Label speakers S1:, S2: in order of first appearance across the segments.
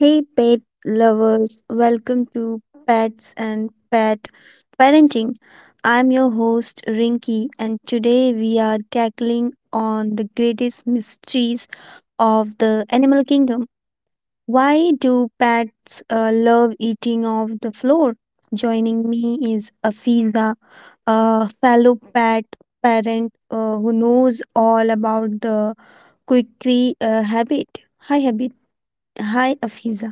S1: Hey, pet lovers, welcome to Pets and Pet Parenting. I'm your host, Rinky, and today we are tackling on the greatest mysteries of the animal kingdom. Why do pets love eating off the floor? Joining me is Afiza, a fellow pet parent who knows all about the quickly habit. Hi, habit. Hi, Afiza.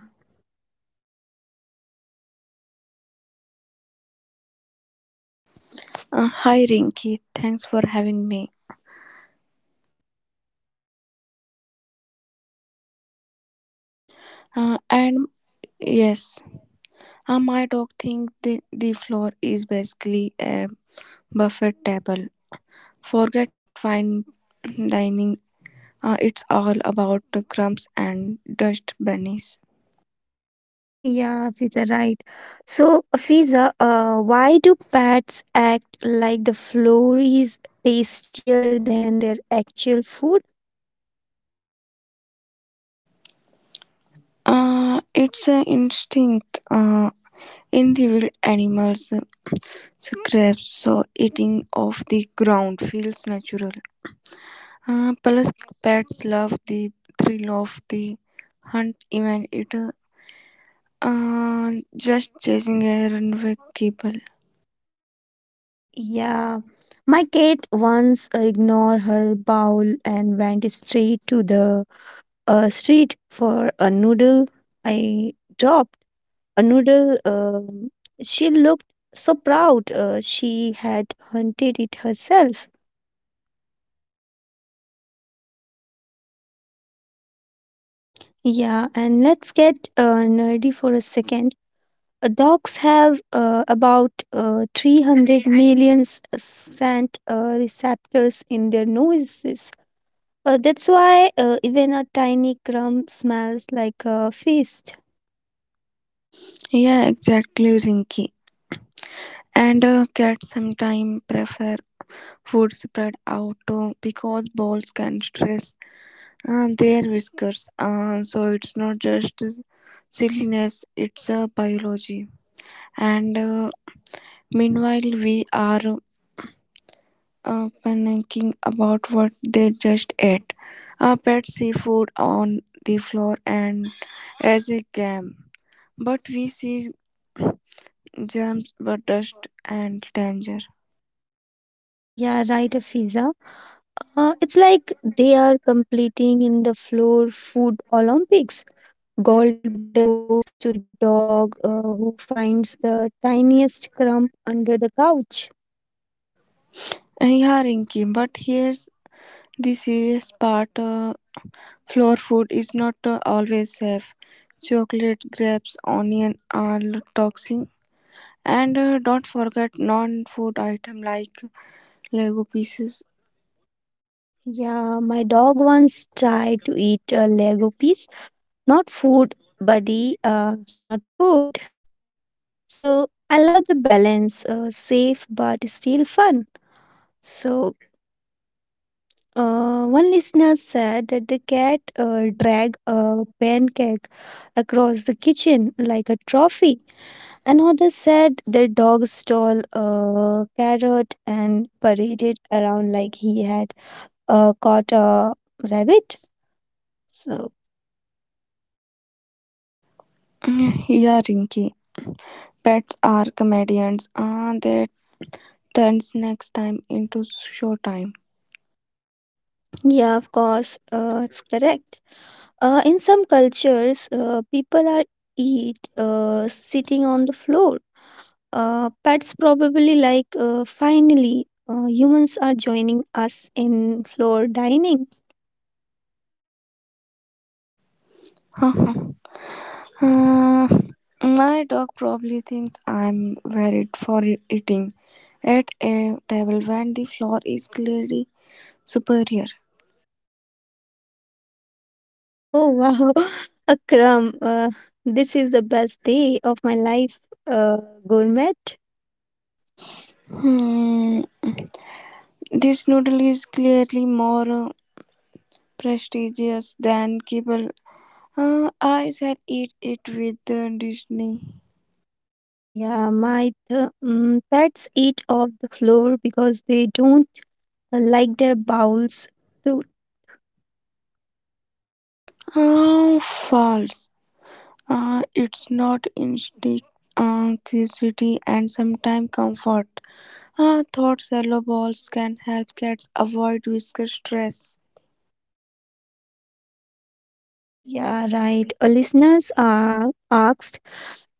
S2: Hi Rinky, thanks for having me. And yes, my dog thinks the floor is basically a buffet table. Forget fine dining, it's all about the crumbs and dust bunnies.
S1: Yeah, Fiza, right. So, Fiza, why do pets act like the floor is tastier than their actual food?
S2: It's an instinct in the wild animals scraps, so eating off the ground feels natural. Plus, pets love the thrill of the hunt, even it. Just chasing errand with people.
S1: Yeah, my cat once ignored her bowl and went straight to the street for a noodle. I dropped a noodle. She looked so proud. She had hunted it herself. Yeah, and let's get nerdy for a second. Dogs have about 300 million scent receptors in their noses. That's why even a tiny crumb smells like a feast.
S2: Yeah, exactly, Rinky. And Cats sometimes prefer food spread out because balls can stress their whiskers. So it's not just silliness, it's biology. And Meanwhile, we are panicking about what they just ate. Pets see food on the floor and as a game. But we see germs, but dust and danger.
S1: Yeah, right, Afiza. It's like they are competing in the floor food Olympics. Gold medal goes to the dog who finds the tiniest crumb under the couch.
S2: Yeah, Rinky, but here's the serious part, floor food is not always safe. Chocolate, grapes, onion are toxic. And Don't forget non food item like Lego pieces.
S1: Yeah, my dog once tried to eat a Lego piece, not food, buddy, not food. So I love the balance, safe but still fun. So one listener said that the cat dragged a pancake across the kitchen like a trophy. Another said the dog stole a carrot and paraded around like he had caught a rabbit. So
S2: Mm, yeah, Rinky, pets are comedians. Ah, they turn next time into show time.
S1: yeah, of course, it's correct. In some cultures, people are eat sitting on the floor. Pets probably like, finally humans are joining us in floor dining.
S2: Uh, my dog probably thinks I'm worried for eating at a table when the floor is clearly superior.
S1: Yeah. Oh wow, a crumb. This is the best day of my life. Uh, Gourmet.
S2: Hmm, this noodle is clearly more prestigious than kibble. I shall eat it with Disney.
S1: Yeah, pets eat off the floor because they don't like their bowels.
S2: Oh, false. It's not instinct, curiosity, and sometimes comfort. Thought shallow balls can help cats avoid whisker stress.
S1: Yeah, right. Listeners asked,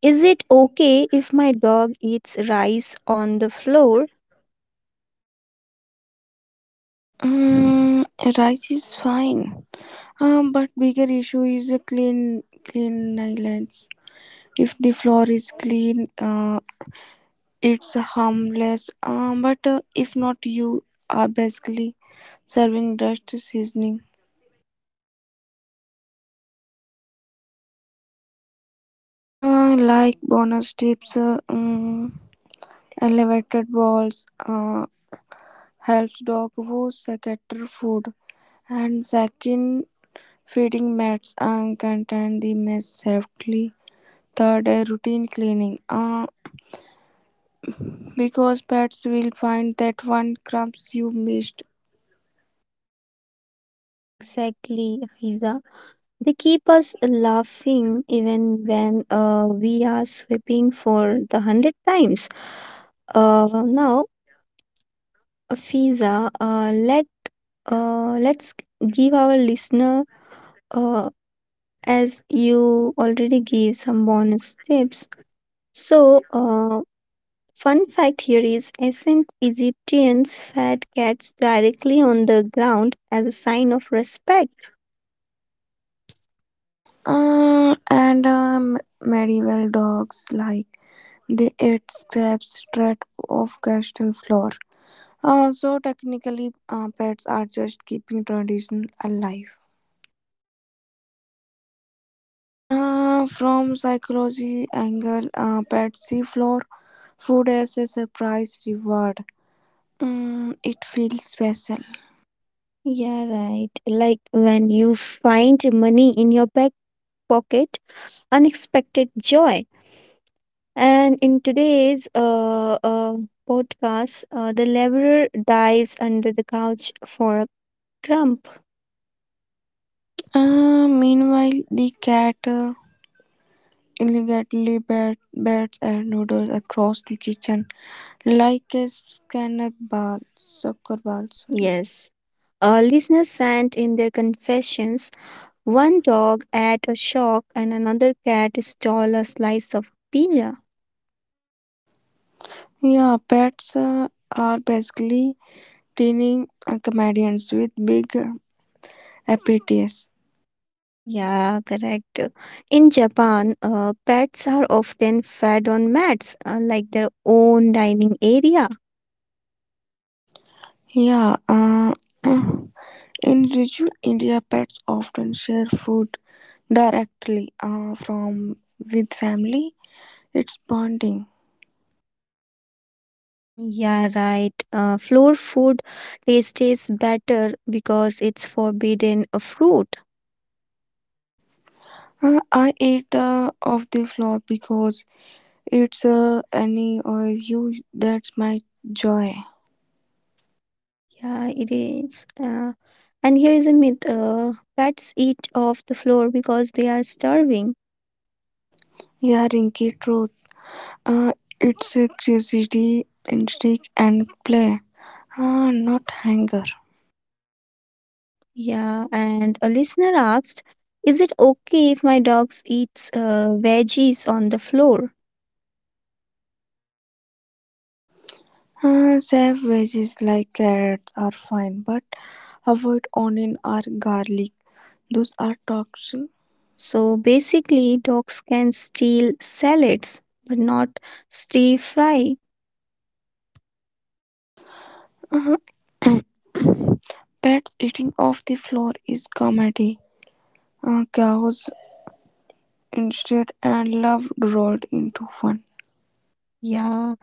S1: is it okay if my dog eats rice on the floor?
S2: Mm, rice is fine, but bigger issue is a clean islands. If the floor is clean, it's harmless. But if not, you are basically serving dust seasoning. Like bonus tips, elevated balls helps dog who scatter food, and second feeding mats and contain the mess safely. Third, a routine cleaning. Because pets will find that one crumbs you missed.
S1: Yeah, exactly, Fiza. They keep us laughing even when we are sweeping for the hundred times. Now, Fiza, let's give our listener, uh, as you already gave some bonus tips. So, fun fact here is ancient Egyptians fed cats directly on the ground as a sign of respect.
S2: And Medieval dogs like they ate scraps straight off castle floor. So technically, pets are just keeping tradition alive. From psychology angle, pets see floor food as a surprise reward. Mm, it feels special.
S1: Yeah, right. Like when you find money in your back pocket, unexpected joy. And in today's podcast, the laborer dives under the couch for a crumb.
S2: Meanwhile, the cat illegally bats and noodles across the kitchen like a soccer ball. Sorry.
S1: Yes. Listeners sent in their confessions. One dog ate a shock and another cat stole a slice of pizza.
S2: Yeah, pets are basically teeny comedians with big appetites.
S1: Yeah, correct. In Japan, pets are often fed on mats, like their own dining area.
S2: Yeah, in rural India, pets often share food directly from with family. It's bonding.
S1: Yeah, right. Floor food tastes better because it's forbidden a fruit.
S2: I ate off the floor because it's any or you that's my joy.
S1: Yeah, it is. And here is a myth. Pets eat off the floor because they are starving.
S2: Yeah, Rinky, truth. Uh, it's a curiosity, instinct, and play. Not hunger.
S1: Yeah, and a listener asked, is it okay if my dogs eats veggies on the floor?
S2: Save veggies like carrots are fine, but avoid onion or garlic. Those are toxic.
S1: So basically, dogs can steal salads, but not stir fry.
S2: Uh, pets eating off the floor is comedy. Cows instead and love rolled into fun.
S1: Yeah,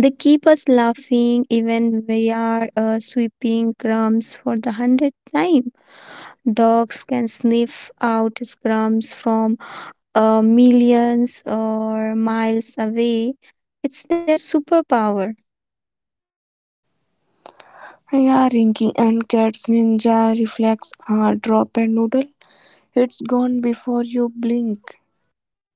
S1: they keep us laughing even we are sweeping crumbs for the 100th time. Dogs can sniff out crumbs from millions or miles away. It's their superpower.
S2: Yeah, Rinky, and Cat's ninja reflex are drop and noodle. It's gone before you blink.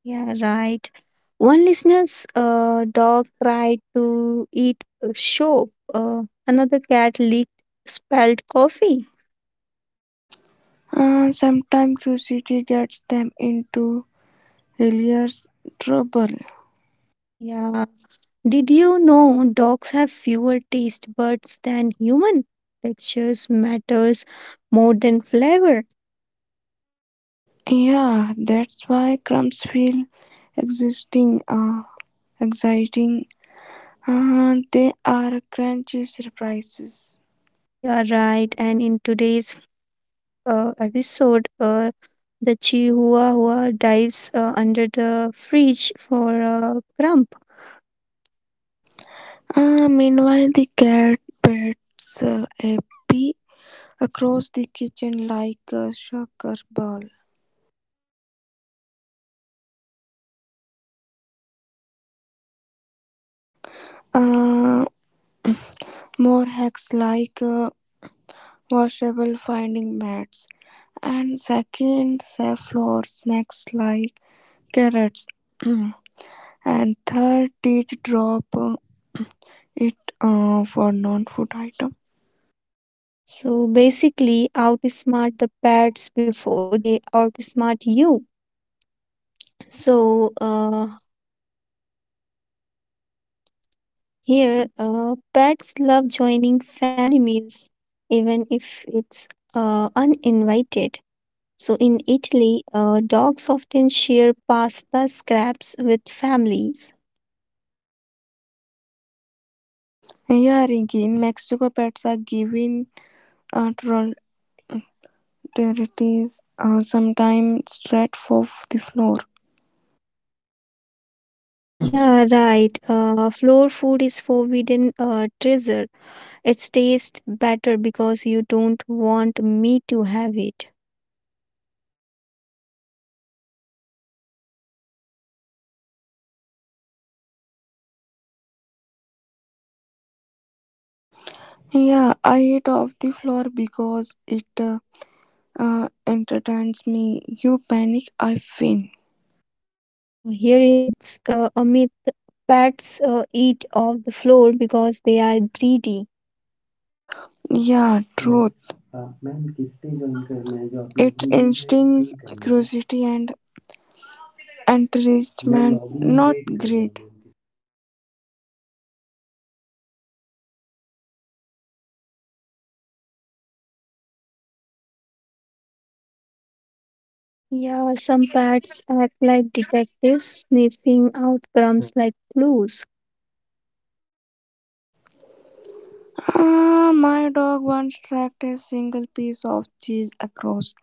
S1: Yeah, right. One listener's dog tried to eat a soap. Another cat licked spilled coffee.
S2: Sometimes curiosity gets them into hilarious trouble.
S1: Yeah. Did you know dogs have fewer taste buds than human? Textures matters more than flavor.
S2: Yeah, that's why crumbs feel existing, uh, exciting. They are crunchy surprises.
S1: Yeah, right. And in today's episode, the Chihuahua dives under the fridge for a crumb.
S2: Meanwhile, the cat bats a pea across the kitchen like a soccer ball. Uh, More hacks like washable finding mats and second save floor snacks like carrots and third teach drop it for non-food item.
S1: So basically, outsmart the pets before they outsmart you. So here, pets love joining family meals, even if it's uninvited. So in Italy, dogs often share pasta scraps with families.
S2: Yeah Rinki, in Mexico pets are given troll territories sometimes straight off the floor.
S1: Yeah, right. Floor food is forbidden treasure. It tastes better because you don't want me to have it.
S2: Yeah, I eat off the floor because it entertains me, you panic, I win.
S1: Yeah, here it's a myth. Pets eat off the floor because they are greedy.
S2: Yeah, truth. It's instinct, curiosity, and encouragement, not greed.
S1: Yeah, some pets act like detectives, sniffing out crumbs like clues.
S2: Ah, my dog once tracked a single piece of cheese across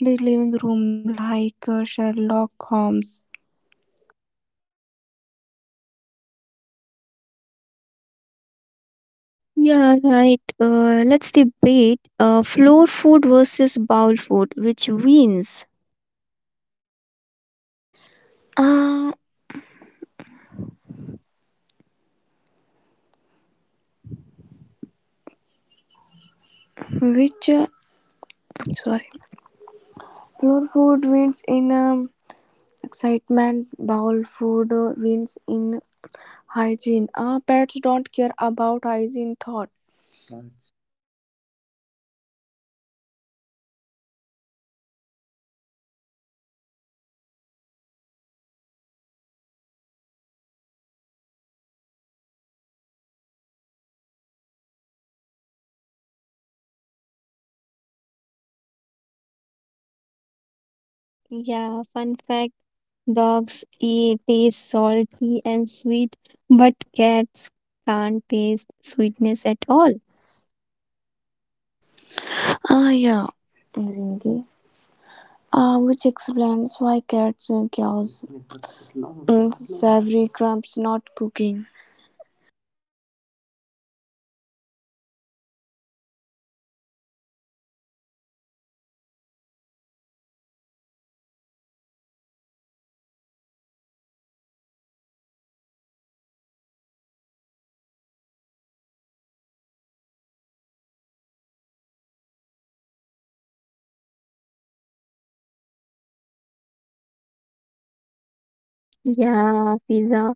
S2: the living room like Sherlock Holmes.
S1: Yeah, right. Let's debate floor food versus bowl food. Which wins?
S2: Ah, which uh, sorry, Floor food wins in excitement. Bowl food wins in hygiene. Ah, pets don't care about hygiene thought.
S1: Yeah, fun fact, dogs eat, taste salty and sweet, but cats can't taste sweetness at all.
S2: Ah, yeah, Zingy, which explains why cats chaos savory crumbs not cooking.
S1: Yeah, pizza.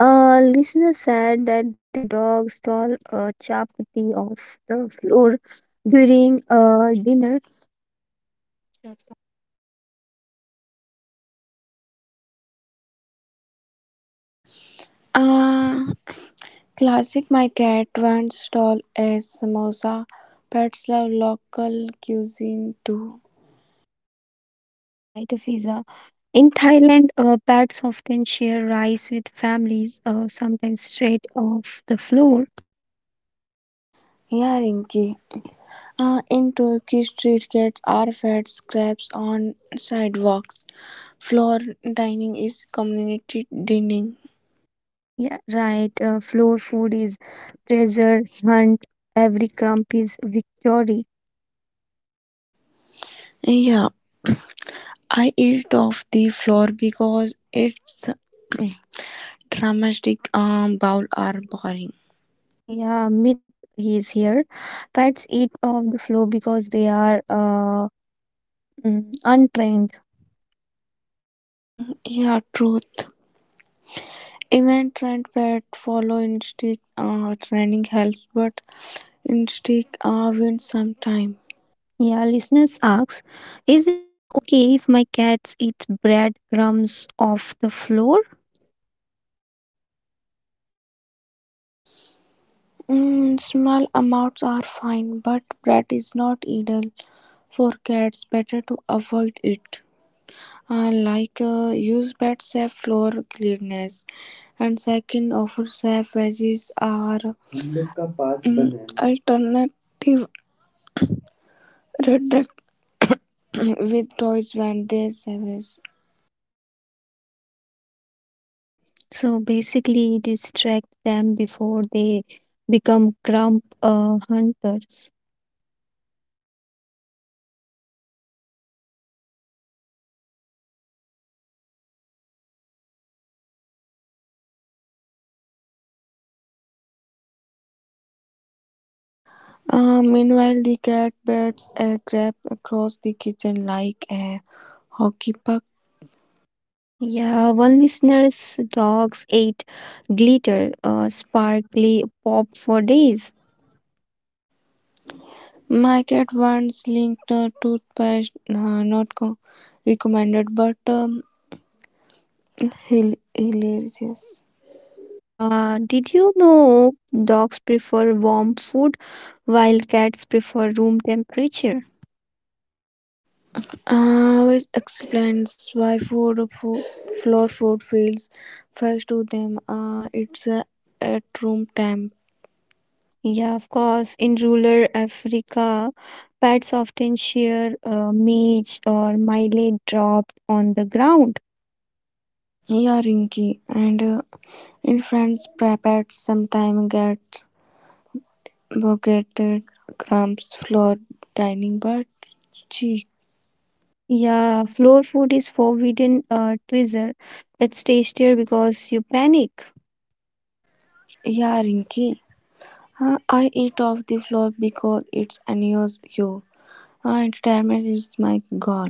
S1: A listener said that their dog stole a chapati off the floor during a dinner.
S2: Uh, Classic, my cat once stole a samosa. Pets love local cuisine too.
S1: Yeah, right, Fiza. In Thailand, pets often share rice with families, sometimes straight off the floor.
S2: Yeah, Rinky. In Turkey, street cats are fed scraps on sidewalks. Floor dining is community dining.
S1: Yeah, right. Floor food is treasure hunt. Every crumb is victory.
S2: Yeah. I eat off the floor because its dramatic, bowl are boring.
S1: Yeah, myth is here. Pets eat off the floor because they are untrained.
S2: Yeah, truth. Even trend pet follow instinct, training helps, but instinct wins sometime.
S1: Yeah, listeners asks, is it okay if my cats eat breadcrumbs off the floor?
S2: Mm, small amounts are fine, but bread is not ideal for cats. Better to avoid it. Use bed safe floor cleanness and second offer safe veggies are alternative redact with toys when they service.
S1: So basically, distract them before they become crumb hunters.
S2: Meanwhile, the cat beds a grab across the kitchen like a hockey puck.
S1: Yeah, one listener's dogs ate glitter, sparkly pop for days.
S2: My cat once linked a toothpaste, not recommended, but hilarious.
S1: Yeah, did you know dogs prefer warm food while cats prefer room temperature?
S2: Which explains why floor food feels fresh to them. It's at room temp.
S1: Yeah, of course. In rural Africa, pets often share maize or millet dropped on the ground.
S2: Yeah, Rinky. And In France, prepared sometimes gets bucketed crumbs floor dining, but cheek.
S1: Yeah, floor food is forbidden treasure. It stays there because you panic.
S2: Yeah, Rinky. I eat off the floor because it's annoys you. Retirement is my goal.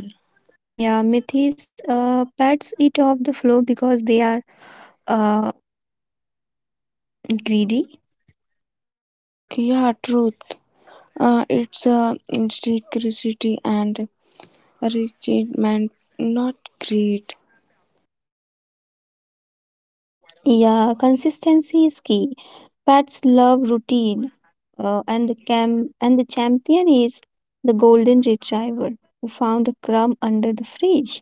S1: Yeah, myth is, pets eat off the floor because they are uh, greedy.
S2: Yeah, truth. It's insecurity and rigid man, not great.
S1: Yeah, consistency is key. Pets love routine, and the cam and the champion is the golden retriever who found a crumb under the fridge.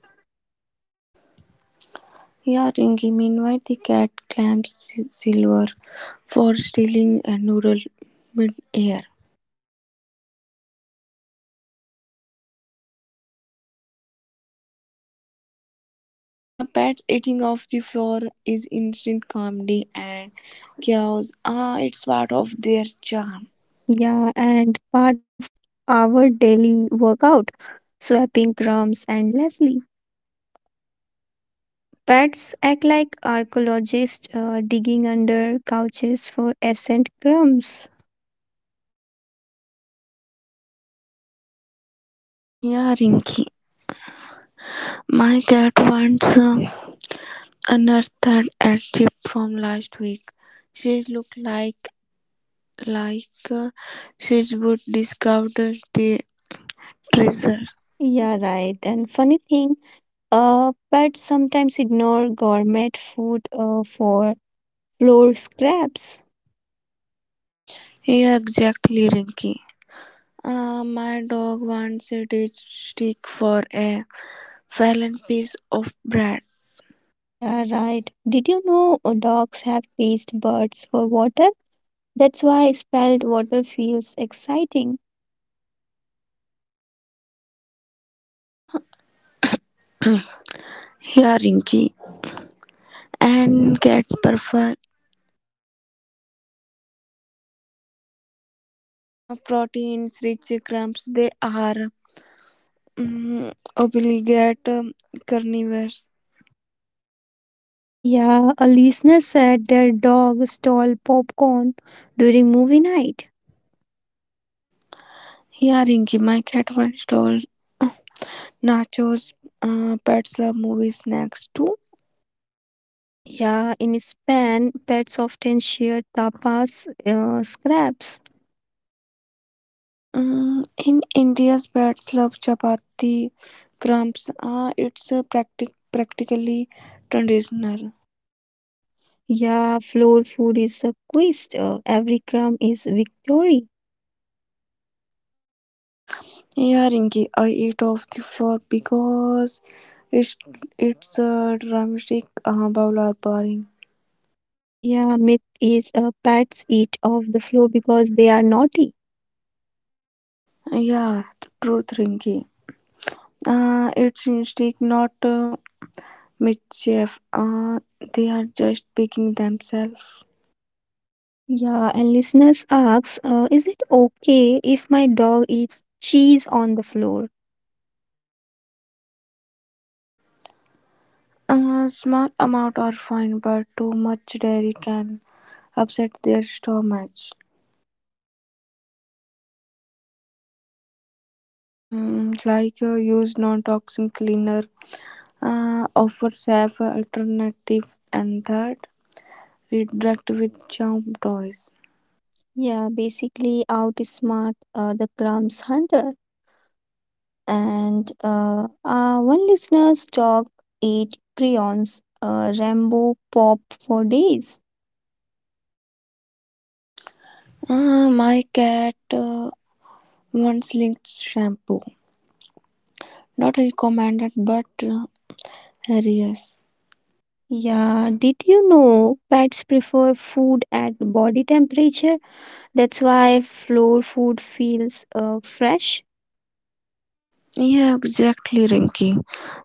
S2: Yeah, Ringy. Meanwhile, the cat clamps Silver for stealing a noodle mid-air. Pat's eating off the floor is instant comedy and chaos. Ah, it's part of their charm.
S1: Yeah, and part of our daily workout, swapping crumbs endlessly. Pets act like archaeologists digging under couches for ancient crumbs.
S2: Yeah, Rinky. My cat once unearthed a chip from last week. She looked like she would discover the treasure.
S1: Yeah, right. And funny thing, pets sometimes ignore gourmet food for floor scraps.
S2: Here exactly, Rinky. My dog wants a ditch stick for a fallen piece of bread.
S1: Yeah, right. Did you know dogs have taste buds for water? That's why spelled water feels exciting.
S2: Here, Rinky. And cats prefer proteins rich crumbs. They are obligate carnivores.
S1: Yeah, a listener said their dog stole popcorn during movie night.
S2: Here, Rinky. My cat once stole nachos. Pets love movie snacks too.
S1: Yeah, in Spain, pets often share tapas, scraps.
S2: Mm, in India's breads love chapati crumbs. It's practically traditional.
S1: Yeah, floor food is a quest. Every crumb is victory.
S2: Yeah, Rinki, I eat off the floor because it's it's a dramatic, bowl or boring.
S1: Yeah, myth is, pets eat off the floor because they are naughty.
S2: Yeah, the truth, Rinki. It's mistake, not mischief. They are just picking themselves.
S1: Yeah, and listeners asks, is it okay if my dog eats cheese on the floor?
S2: A small amount are fine, but too much dairy can upset their stomach. Use non-toxic cleaner, offer safe alternative, and third, redirect with charm toys.
S1: Yeah, basically outsmart the crumbs hunter. And one listener's dog ate crayons. Rambo pop for days.
S2: My cat once linked shampoo, not recommended but hilarious.
S1: Yeah, did you know pets prefer food at body temperature? That's why floor food feels fresh.
S2: Yeah, exactly, Rinky.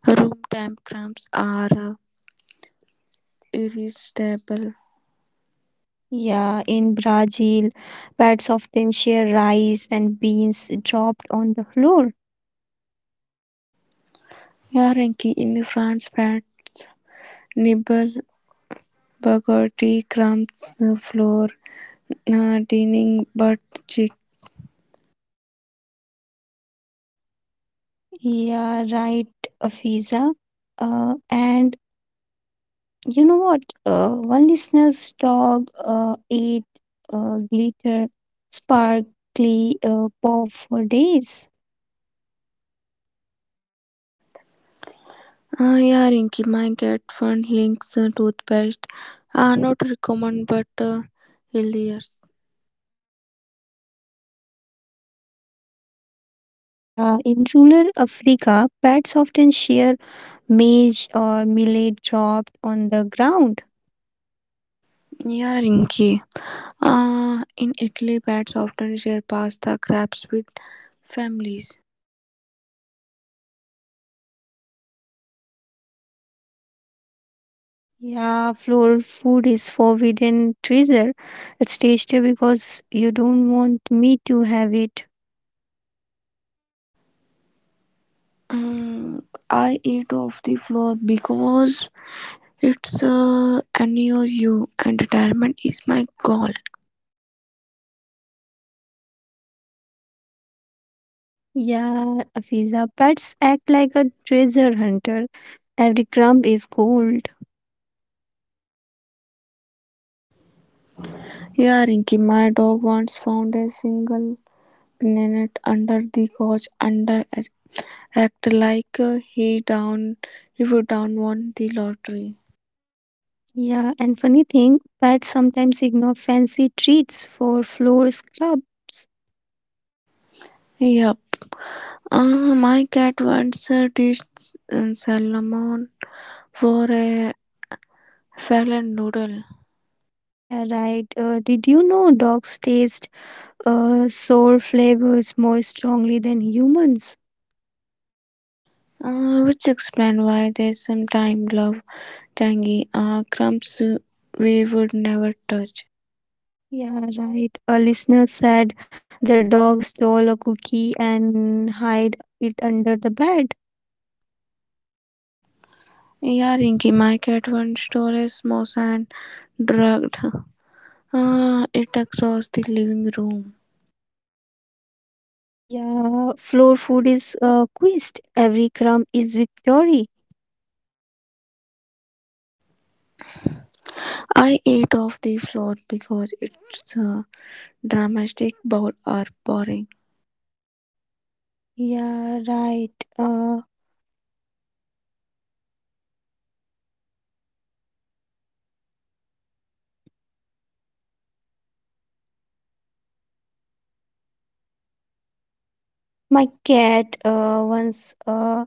S2: Room temp crumbs are irresistible.
S1: Yeah, in Brazil, pets often share rice and beans dropped on the floor.
S2: Yeah, Rinky, in France, pets nibble, bugger, tea crumbs the floor, dining but chick.
S1: Yeah, right, Afiza. And you know what? One listener's dog ate glitter, sparkly pop for days.
S2: Yeah, Rinky, my cat found Link's toothpaste. Not recommend, but hilarious.
S1: Yeah, in rural Africa, pets often share maize or millet dropped on the ground.
S2: Yeah, Rinky. In Italy, pets often share pasta crabs with families.
S1: Yeah, floor food is forbidden treasure. It's tasty because you don't want me to have it.
S2: Mm, I eat off the floor because it's NOU and retirement is my goal.
S1: Yeah, Afiza, pets act like a treasure hunter. Every crumb is gold.
S2: Yeah, Rinky, my dog once found a single planet under the couch under act like down he would down won the lottery.
S1: Yeah, and funny thing, pets sometimes ignore fancy treats for floor scrubs.
S2: Yep. My cat once dished salmon for a fallen noodle,
S1: Yeah, right. Did you know dogs taste sour flavors more strongly than humans?
S2: which explains why they sometimes love tangy crumbs we would never touch.
S1: Yeah, right. A listener said their dog stole a cookie and hide it under the bed.
S2: Yeah, Rinky, my cat once stole a samosa and dragged it across the living room.
S1: Yeah, floor food is quest. Every crumb is victory.
S2: I ate off the floor because it's dramatic bowl or boring?
S1: Yeah, right. Uh, my cat once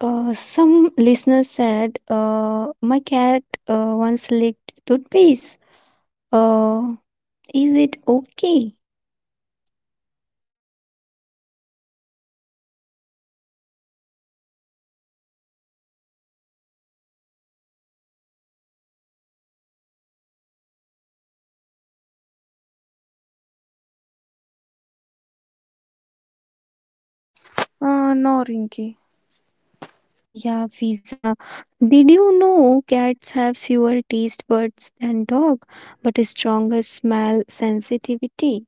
S1: Some listeners said, my cat once licked toothpaste. Uh, is it okay?
S2: No. No, Rinky.
S1: Yeah, Fiza. Did you know cats have fewer taste buds than dog, but a stronger smell sensitivity?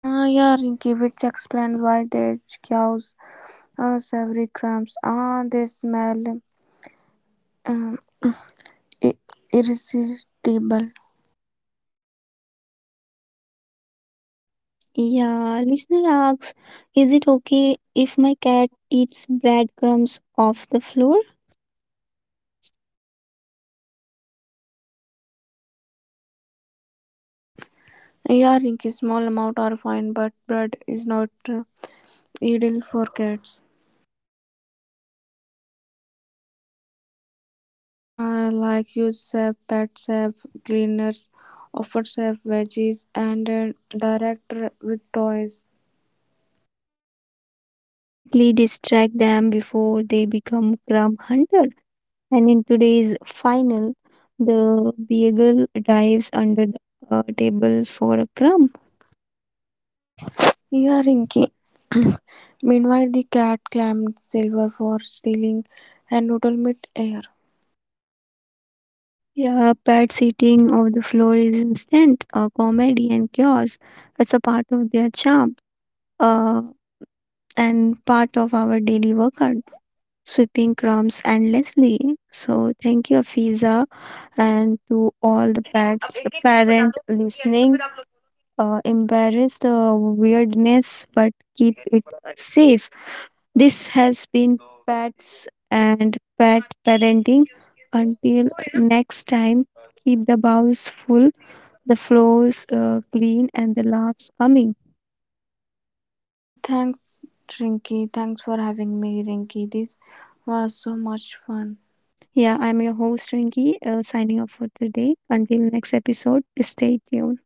S2: Yeah, Rinky, which explains why the cows savory crumbs. Ah, they smell um, i- irresistible.
S1: Yeah, listener asks, is it okay if my cat eats breadcrumbs off the floor?
S2: Yeah, Rinky, small amount are fine, but bread is not ideal for cats. Like you save, pet save, cleaners, offer save veggies, and with toys.
S1: Yeah, basically distract them before they become crumb hunter. And in today's final, the beagle dives under the table for a crumb.
S2: Yeah, Rinky. Meanwhile, the cat claimed Silver for stealing a noodle mid-air.
S1: Yeah, pet sitting of the floor is instant, comedy and chaos. It's a part of their charm uh, and part of our daily workout, sweeping crumbs endlessly. So, thank you, Afiza, and to all the pets, parent listening. Embarrass the weirdness, but keep it safe. This has been Pets and Pet Parenting. Until next time, keep the bowls full, the floors clean, and the laughs coming.
S2: Thanks, Rinky. Thanks for having me, Rinky. This was so much fun.
S1: Yeah, I'm your host Rinki, signing off for today. Until next episode, stay tuned.